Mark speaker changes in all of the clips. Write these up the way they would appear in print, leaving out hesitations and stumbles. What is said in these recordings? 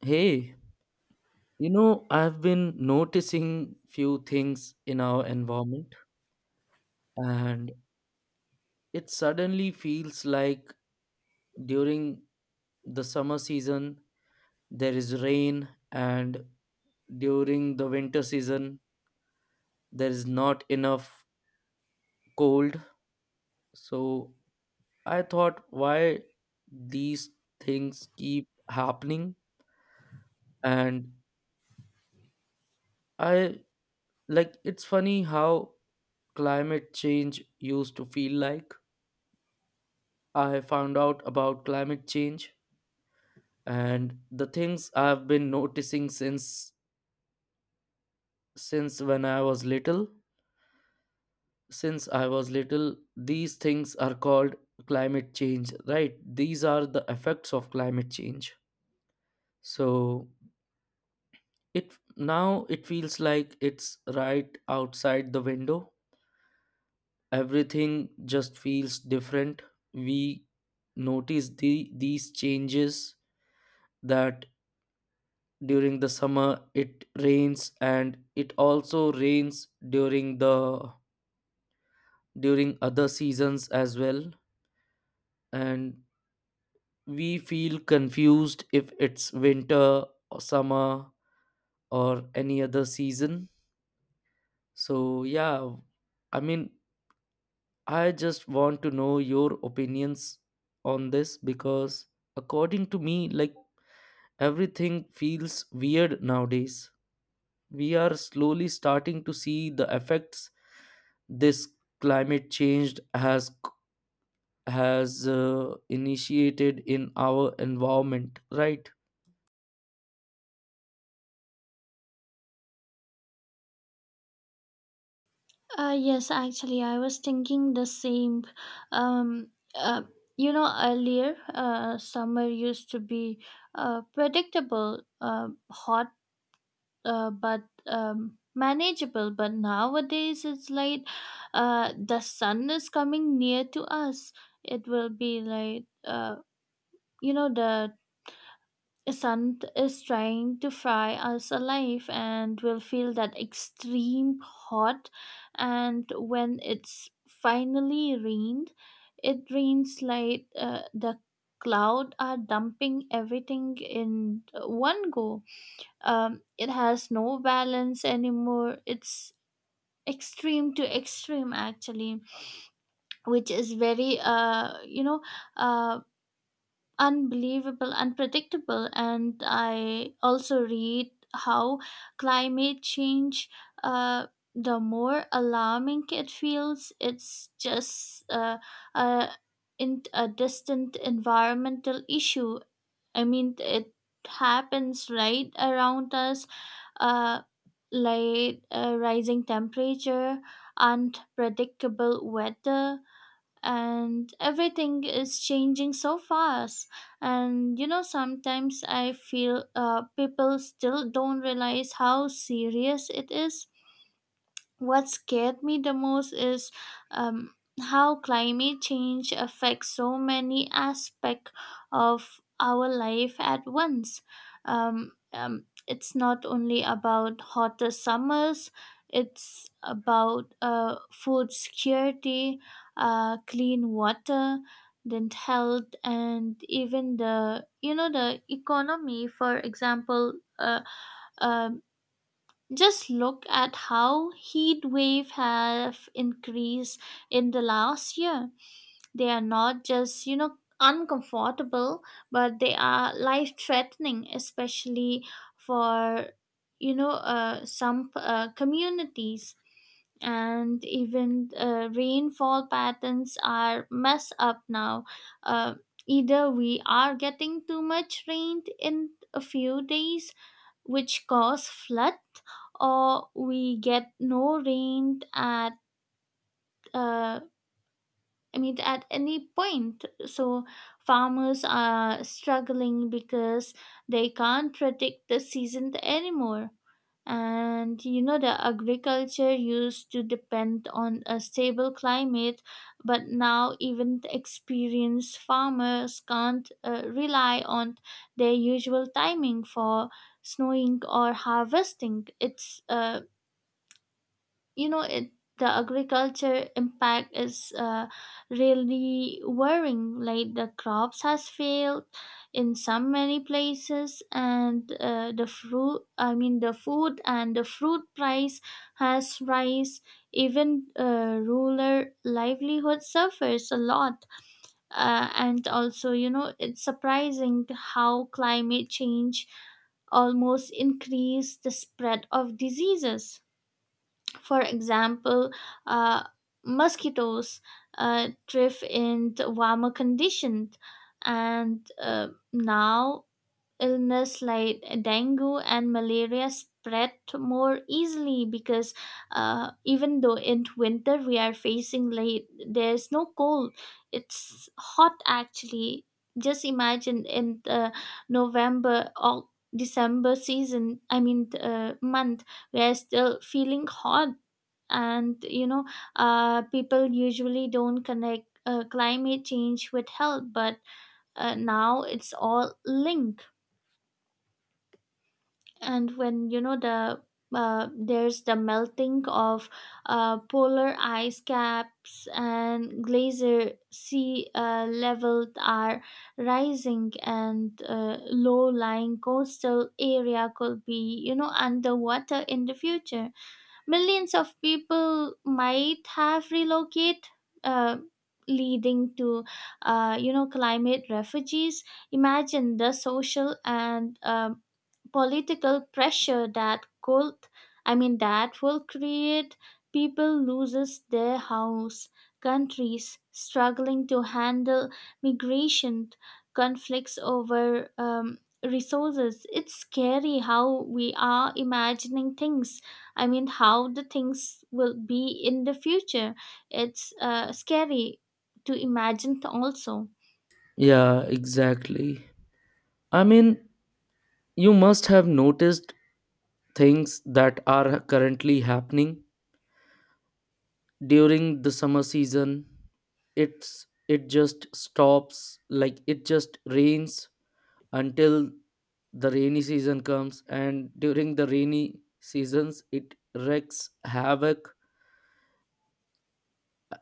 Speaker 1: Hey, you know, I've been noticing few things in our environment, and it suddenly feels like during the summer season there is rain and during the winter season there is not enough cold. So I thought why these things keep happening. And I, it's funny how climate change used to feel like. I have found out about climate change and the things I've been noticing since when I was little. Since I was little, these things are called climate change, right? These are the effects of climate change. So it now it feels like it's right outside the window. Everything just feels different. We notice these changes, that during the summer it rains and it also rains during the during other seasons as well, and we feel confused if it's winter or summer or any other season. So yeah, i mean I just want to know your opinions on this, because according to me, everything feels weird nowadays. We are slowly starting to see the effects this climate change has initiated in our environment, right?
Speaker 2: Yes, actually, I was thinking the same. Um, uh, Earlier, summer used to be predictable, hot, but manageable. But nowadays, it's like the sun is coming near to us. It will be like, the Sun is trying to fry us alive and we will feel that extreme hot. And when it's finally rained, it rains like the cloud are dumping everything in one go. It has no balance anymore, it's extreme to extreme actually, which is very uh, unbelievable, unpredictable. And I also read how climate change, uh, the more alarming it feels, it's just uh, in a distant environmental issue. I mean, it happens right around us, uh, rising temperature, unpredictable weather, and everything is changing so fast. And you know, sometimes I feel people still don't realize how serious it is. What scared me the most is um, how climate change affects so many aspects of our life at once. It's not only about hotter summers, it's about food security, clean water, then health, and even the you know the economy. For example, um, just look at how heat wave have increased in the last year. They are not just, you know, uncomfortable, but they are life threatening, especially for, some communities. And even rainfall patterns are messed up now. Uh, Either we are getting too much rain in a few days, which cause flood, or we get no rain at uh, I mean, at any point. So farmers are struggling because they can't predict the season anymore. And you know, the agriculture used to depend on a stable climate, but now even the experienced farmers can't rely on their usual timing for snowing or harvesting. It's you know it the agriculture impact is really worrying, like the crops has failed in some many places. And the food and the fruit price has rise. Even rural livelihood suffers a lot. And also you know, it's surprising how climate change almost increase the spread of diseases. For example, uh, mosquitoes thrive in the warmer conditions, and now illness like dengue and malaria spread more easily, because even though in winter we are facing like there's no cold, it's hot actually. Just imagine in the November or December season, I mean month, we are still feeling hot. And you know, people usually don't connect climate change with health, but now it's all linked. And when there's the melting of polar ice caps and glacier sea level are rising, and low-lying coastal area could be you know underwater in the future. Millions of people might have relocated, uh, leading to, you know, climate refugees. Imagine the social and political pressure that could I mean that will create. People loses their house, countries struggling to handle migration, conflicts over resources. It's scary how we are imagining things I mean how the things will be in the future. It's scary to imagine also.
Speaker 1: Yeah, exactly. i mean you must have noticed things that are currently happening. During the summer season it just stops, like it just rains until the rainy season comes, and during the rainy seasons it wreaks havoc.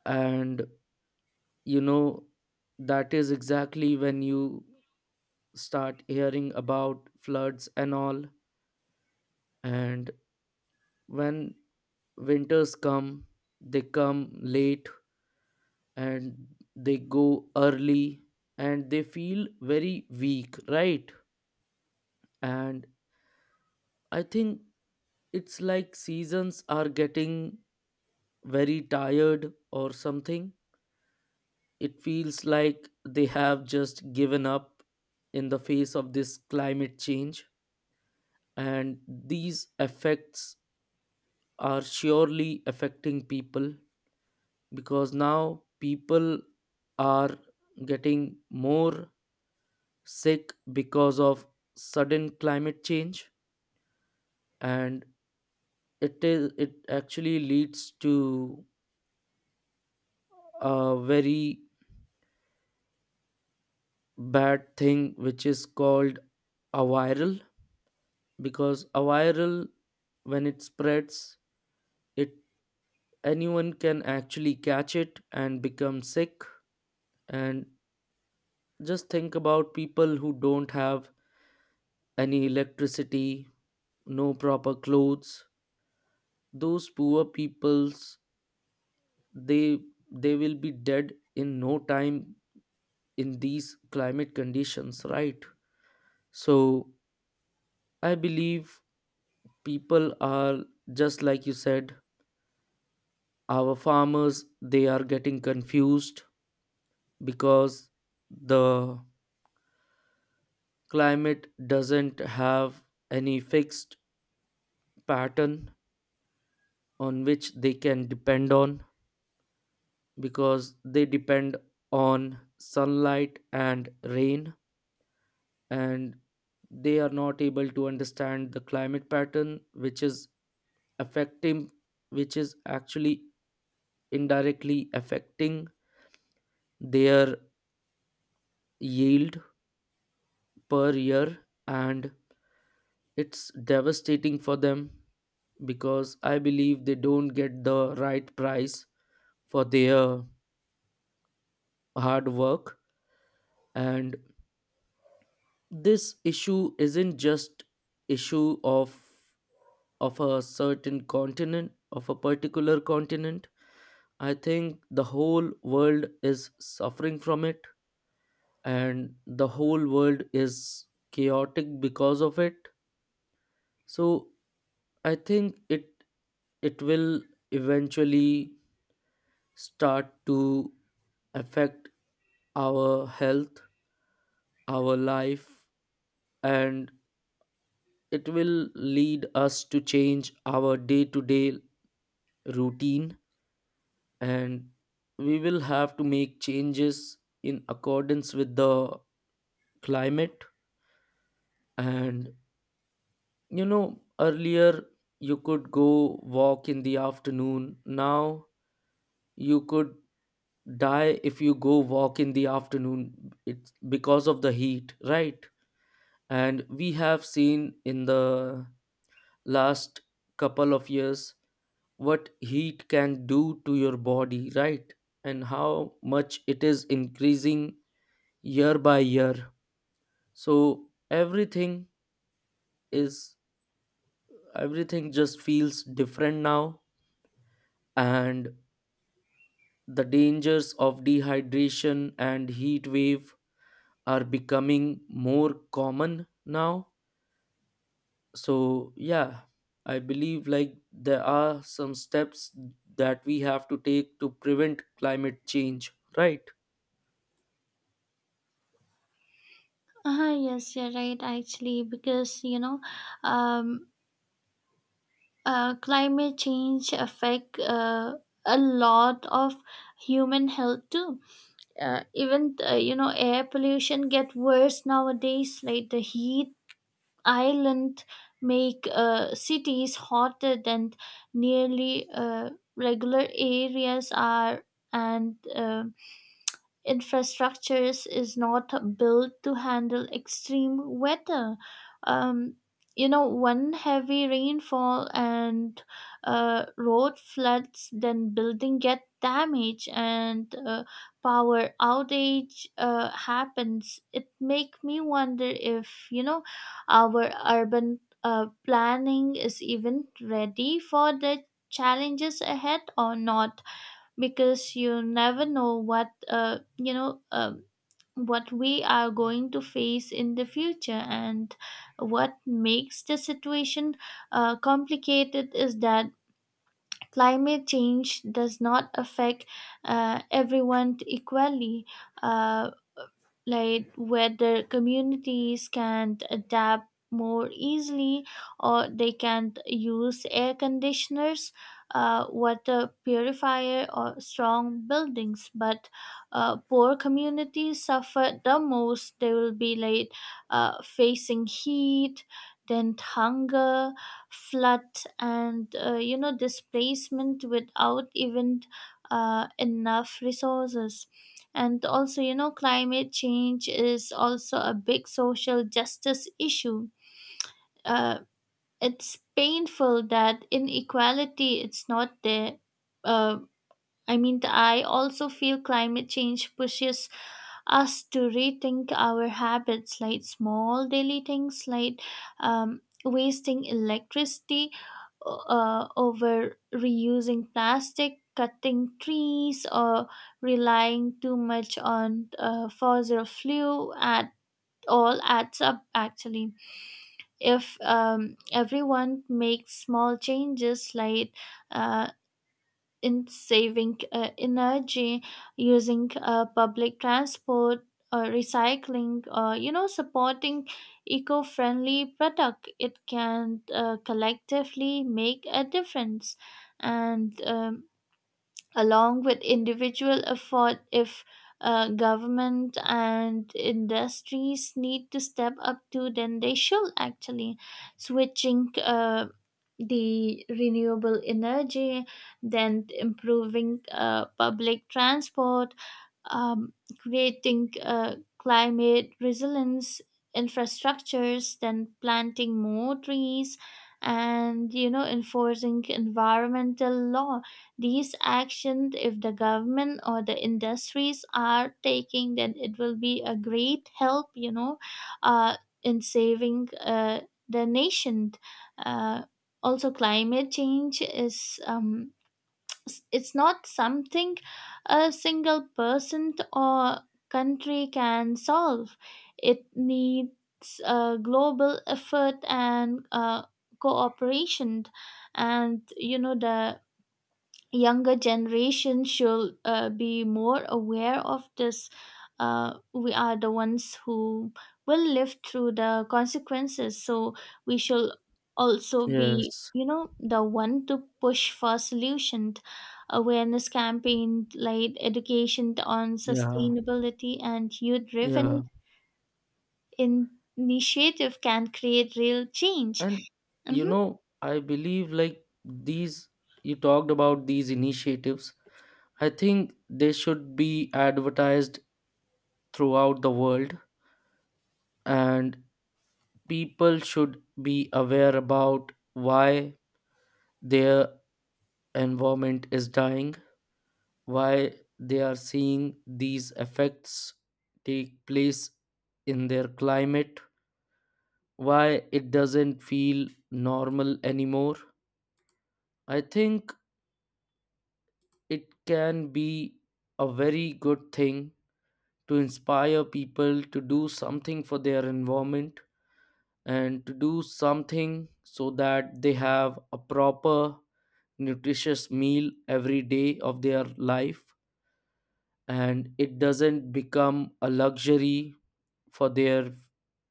Speaker 1: And you know, that is exactly when you start hearing about floods and all. And when winters come, they come late and they go early, and they feel very weak, right? And I think it's like seasons are getting very tired or something. It feels like they have just given up in the face of this climate change, and these effects are surely affecting people, because now people are getting more sick because of sudden climate change. And it actually leads to a very bad thing which is called a viral, because a viral, when it spreads, it anyone can actually catch it and become sick. And just think about people who don't have any electricity, no proper clothes. Those poor peoples, they they will be dead in no time in these climate conditions, right? So I believe people are, just like you said, our farmers, they are getting confused because the climate doesn't have any fixed pattern on which they can depend on, because they depend on sunlight and rain, and they are not able to understand the climate pattern which is affecting, which is actually indirectly affecting their yield per year. And it's devastating for them because I believe they don't get the right price for their hard work. And this issue isn't just issue of a certain continent, of a particular continent. I think the whole world is suffering from it, and the whole world is chaotic because of it. So I think it will eventually start to affect our health, our life, and it will lead us to change our day to day routine, and we will have to make changes in accordance with the climate. And you know, earlier you could go walk in the afternoon, now you could die if you go walk in the afternoon. It's because of the heat, right? And we have seen in the last couple of years what heat can do to your body, right? And how much it is increasing year by year. So everything is everything just feels different now, and the dangers of dehydration and heat wave are becoming more common now. So yeah, I believe there are some steps that we have to take to prevent climate change, right?
Speaker 2: Ah yes, you're right, actually, because you know, um, climate change affect a lot of human health too. Even air pollution get worse nowadays, like the heat island make cities hotter than nearly regular areas are. And infrastructures is not built to handle extreme weather. Um, you know, one heavy rainfall and road floods, then building get damaged and power outage happens. It make me wonder if you know our urban planning is even ready for the challenges ahead or not, because you never know what what we are going to face in the future. And what makes the situation complicated is that climate change does not affect everyone equally. uh, like whether communities can adapt more easily or they can use air conditioners, water purifier or strong buildings, but poor communities suffer the most. They will be like facing heat, then hunger, flood, and you know displacement without even enough resources. And also, you know, climate change is also a big social justice issue. Uh, it's painful that inequality it's not there. Uh, I mean, I also feel climate change pushes us to rethink our habits, like small daily things like wasting electricity, over reusing plastic, cutting trees, or relying too much on fossil fuel at all adds up actually. If everyone makes small changes, like uh, in saving energy, using public transport, or recycling, or you know supporting eco-friendly product, it can collectively make a difference. And along with individual effort, if government and industries need to step up to, then they should actually switching the renewable energy, then improving public transport, um, creating climate resilience infrastructures, then planting more trees, and you know enforcing environmental law. These actions, if the government or the industries are taking, then it will be a great help. You know, uh, in saving the nation. Uh, Also, climate change is. It's not something a single person or country can solve. It needs a global effort and cooperation, and you know the younger generation should be more aware of this. We are the ones who will live through the consequences, so we should also be
Speaker 1: Yes.
Speaker 2: you know the one to push for solution. Awareness campaign like education on
Speaker 1: Yeah.
Speaker 2: sustainability and youth driven
Speaker 1: Yeah.
Speaker 2: initiative can create real change.
Speaker 1: And you
Speaker 2: Mhm.
Speaker 1: know, I believe these, you talked about these initiatives, I think they should be advertised throughout the world, and people should be aware about why their environment is dying, why they are seeing these effects take place in their climate, why it doesn't feel normal anymore. I think it can be a very good thing to inspire people to do something for their environment, and to do something so that they have a proper nutritious meal every day of their life and it doesn't become a luxury for their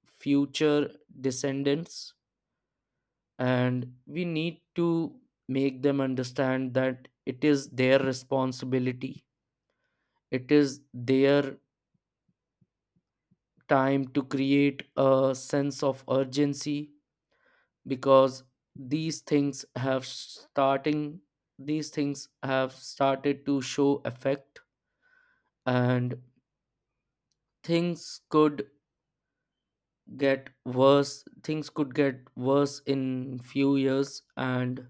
Speaker 1: future descendants. And we need to make them understand that it is their responsibility, it is their time to create a sense of urgency, because these things have starting these things have started to show effect. And things could get worse, things could get worse in few years, and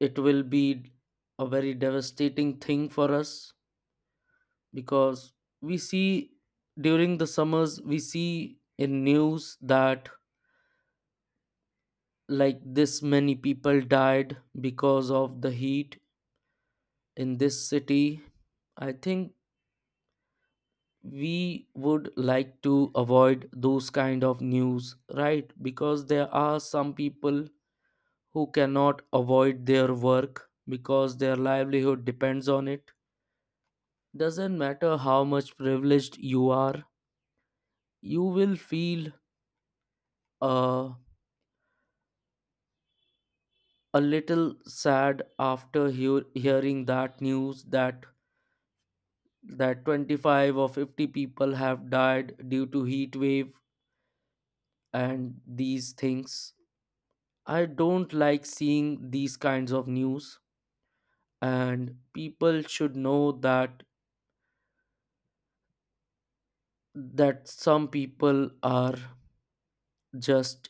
Speaker 1: it will be a very devastating thing for us. Because we see, during the summers we see in news that, like, this many people died because of the heat in this city. I think we would like to avoid those kind of news, right? Because there are some people who cannot avoid their work because their livelihood depends on it. Doesn't matter how much privileged you are, you will feel uh, a little sad after hearing that news that 25 or 50 people have died due to heat wave and these things. I don't like seeing these kinds of news, and people should know that some people are just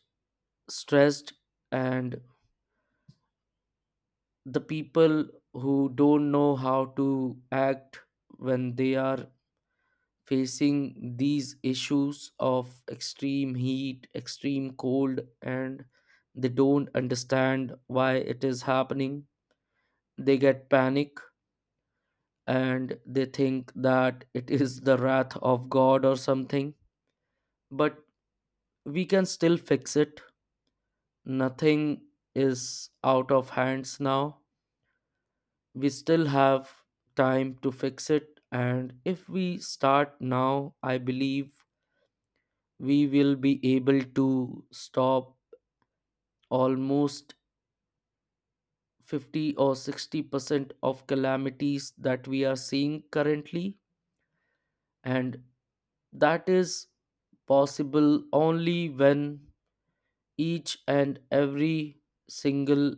Speaker 1: stressed, and the people who don't know how to act when they are facing these issues of extreme heat, extreme cold, and they don't understand why it is happening. They get panic and they think that it is the wrath of God or something. But we can still fix it. Nothing is out of hands now. We still have time to fix it, and if we start now, I believe we will be able to stop almost 50 or 60% of calamities that we are seeing currently. And that is possible only when each and every single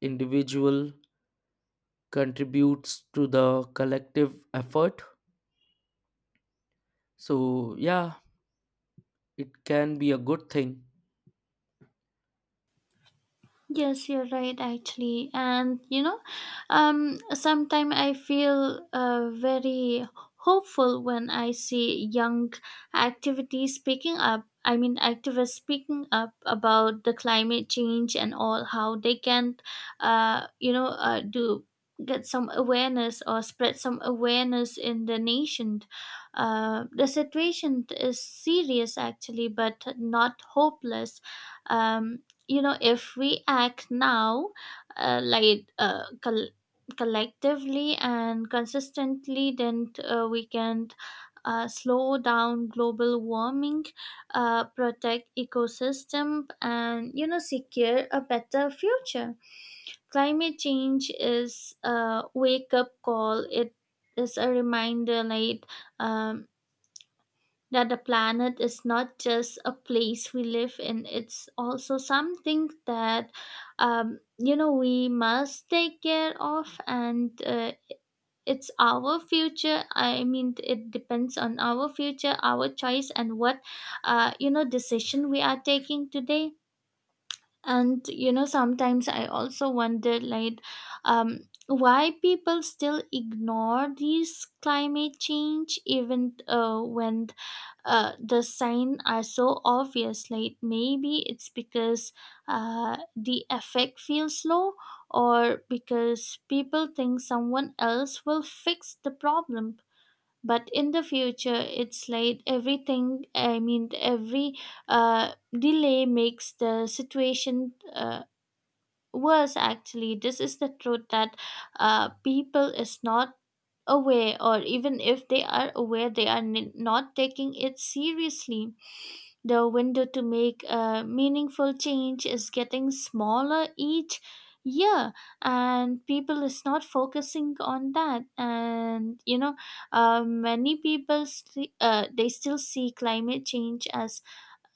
Speaker 1: individual contributes to the collective effort. So yeah, it can be a good thing.
Speaker 2: Yes, you're right, actually. And you know, sometimes I feel very hopeful when I see young activities speaking up. I mean, activists speaking up about the climate change and all, how they can, you know, do get some awareness or spread some awareness in the nation. The situation is serious, actually, but not hopeless. Um, you know, if we act now uh, like uh, col- collectively and consistently, then we can slow down global warming, protect ecosystem, and you know secure a better future. Climate change is a wake up call, it is a reminder, like um, that the planet is not just a place we live in, it's also something that you know we must take care of. And it depends on our future, our choice, and what you know decision we are taking today. And you know sometimes I also wonder like um, why people still ignore these climate change, even when the sign are so obvious. Like maybe it's because the effect feels low, or because people think someone else will fix the problem. But in the future, it's like everything I mean every uh, delay makes the situation worse actually. This is the truth that people is not aware, or even if they are aware they are not taking it seriously. The window to make a meaningful change is getting smaller each year, and people is not focusing on that. And you know, they still see climate change as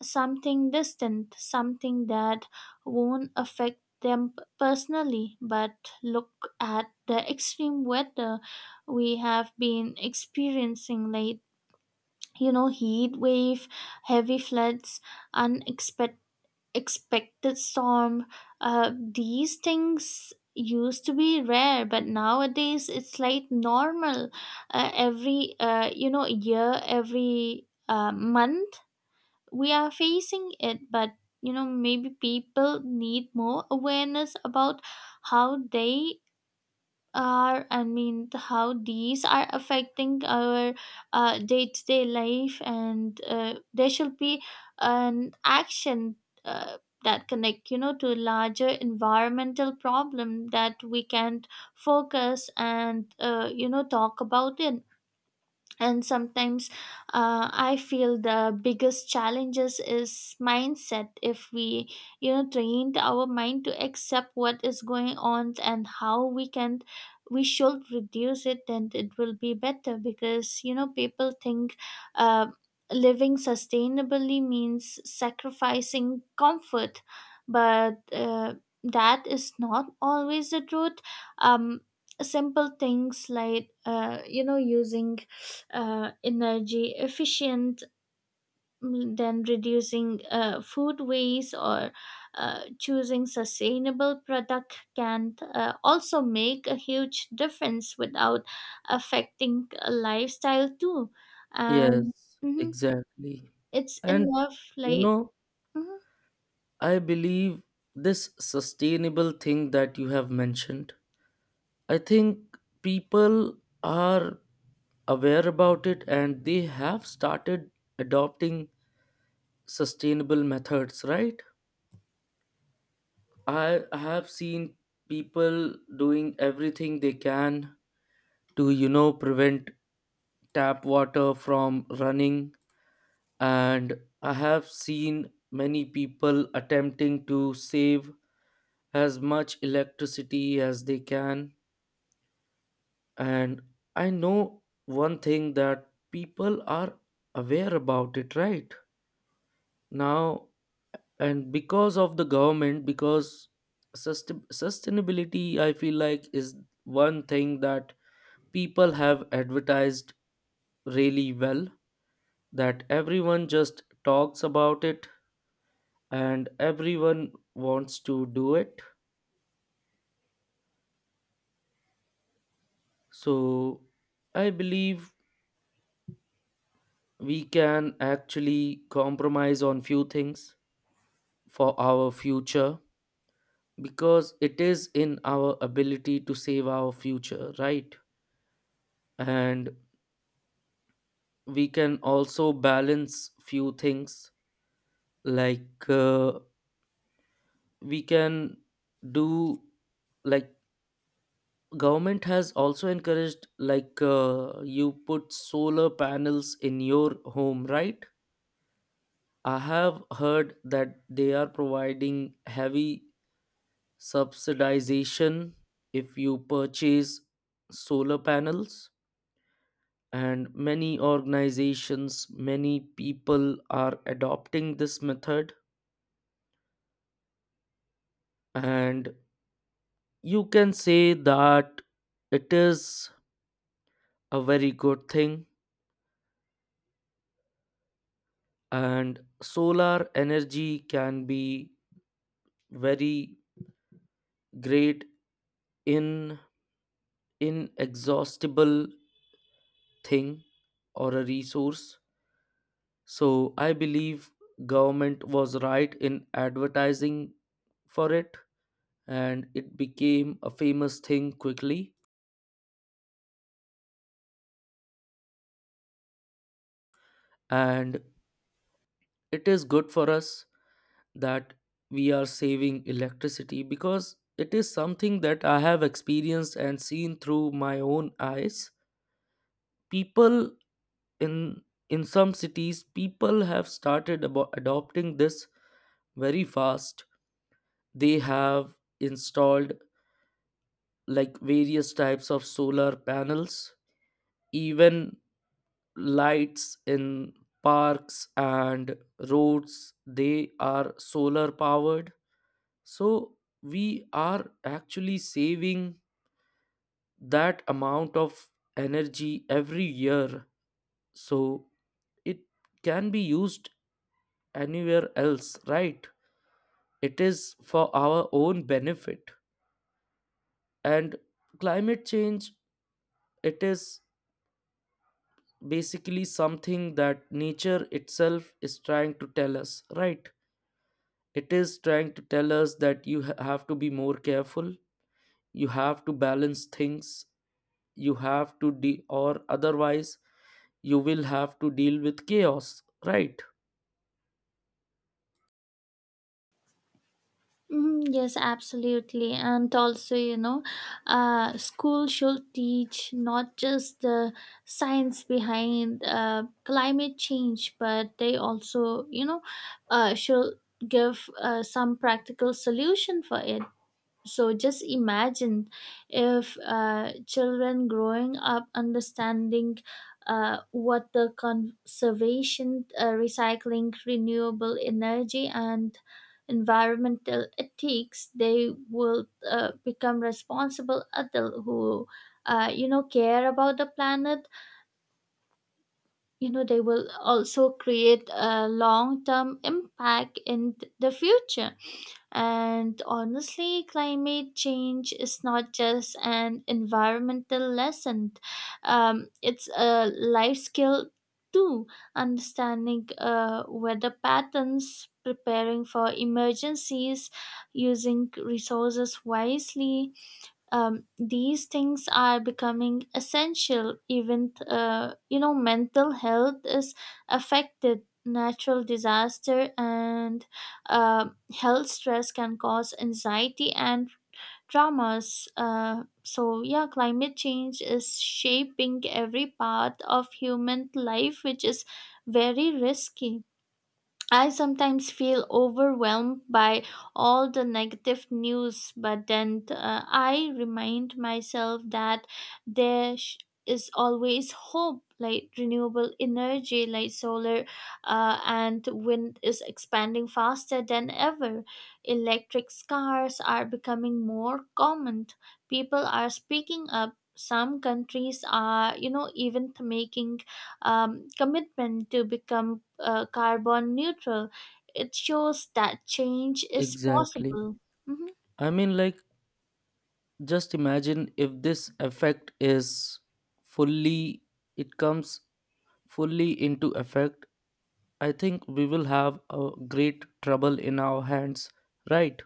Speaker 2: something distant, something that won't affect them personally. But look at the extreme weather we have been experiencing lately, you know, heat wave, heavy floods, unexpected expected storm. These things used to be rare, but nowadays it's like normal. Every year, every month we are facing it. But you know maybe people need more awareness about how they are I mean the- how these are affecting our day-to-day life. And there should be an action uh, that connect you know to a larger environmental problem that we can focus, and you know talk about it. And sometimes I feel the biggest challenges is mindset. If we you know trained our mind to accept what is going on and how we can we should reduce it, then it will be better. Because you know people think uh, living sustainably means sacrificing comfort, but that is not always the truth. um Simple things like you know using energy efficient, than reducing food waste, or choosing sustainable product can also make a huge difference without affecting a lifestyle too. And
Speaker 1: Yes,
Speaker 2: mhm,
Speaker 1: exactly.
Speaker 2: it's
Speaker 1: And
Speaker 2: enough
Speaker 1: you
Speaker 2: like
Speaker 1: know,
Speaker 2: mhm.
Speaker 1: I believe this sustainable thing that you have mentioned, I think people are aware about it and they have started adopting sustainable methods, right? I have seen people doing everything they can to, you know, prevent tap water from running, and I have seen many people attempting to save as much electricity as they can. And I know one thing, that people are aware about it right now, and because of the government, because sustainability, I feel like, is one thing that people have advertised really well, that everyone just talks about it and everyone wants to do it. So I believe we can actually compromise on few things for our future, because it is in our ability to save our future, right? And we can also balance few things, like we can do, like, government has also encouraged, like, you put solar panels in your home, right? I have heard that they are providing heavy subsidization if you purchase solar panels, and many organizations, many people are adopting this method. And you can say that it is a very good thing, and solar energy can be very great in inexhaustible thing or a resource. So I believe government was right in advertising for it, and it became a famous thing quickly. And it is good for us that we are saving electricity, because it is something that I have experienced and seen through my own eyes. People in in some cities, people have started adopting this very fast. They have installed like various types of solar panels, even lights in parks and roads, they are solar powered. So we are actually saving that amount of energy every year. So it can be used anywhere else, right? It is for our own benefit. And climate change, it is basically something that nature itself is trying to tell us, right? It is trying to tell us that you have to be more careful, you have to balance things, you have to or otherwise you will have to deal with chaos, right?
Speaker 2: Mhm, yes, absolutely. And also, you know, school should teach not just the science behind climate change, but they also, you know, should give some practical solution for it. So just imagine if children growing up understanding what the conservation, recycling, renewable energy, and environmental ethics, they will become responsible adult who, you know, care about the planet. You know, they will also create a long-term impact in the future. And honestly, climate change is not just an environmental lesson, it's a life skill too. Understanding weather patterns, preparing for emergencies, using resources wisely, these things are becoming essential. Even you know mental health is affected, natural disaster and uh, health stress can cause anxiety and traumas. So yeah, climate change is shaping every part of human life, which is very risky. I sometimes feel overwhelmed by all the negative news, but then I remind myself that there sh- is always hope. Like renewable energy, like solar and wind, is expanding faster than ever. Electric cars are becoming more common. People are speaking up. Some countries are, you know, even making commitment to become carbon neutral. It shows that change is
Speaker 1: Exactly.
Speaker 2: possible. Mhm.
Speaker 1: Like, just imagine if this effect is fully, it comes fully into effect, I think we will have a great trouble in our hands, right?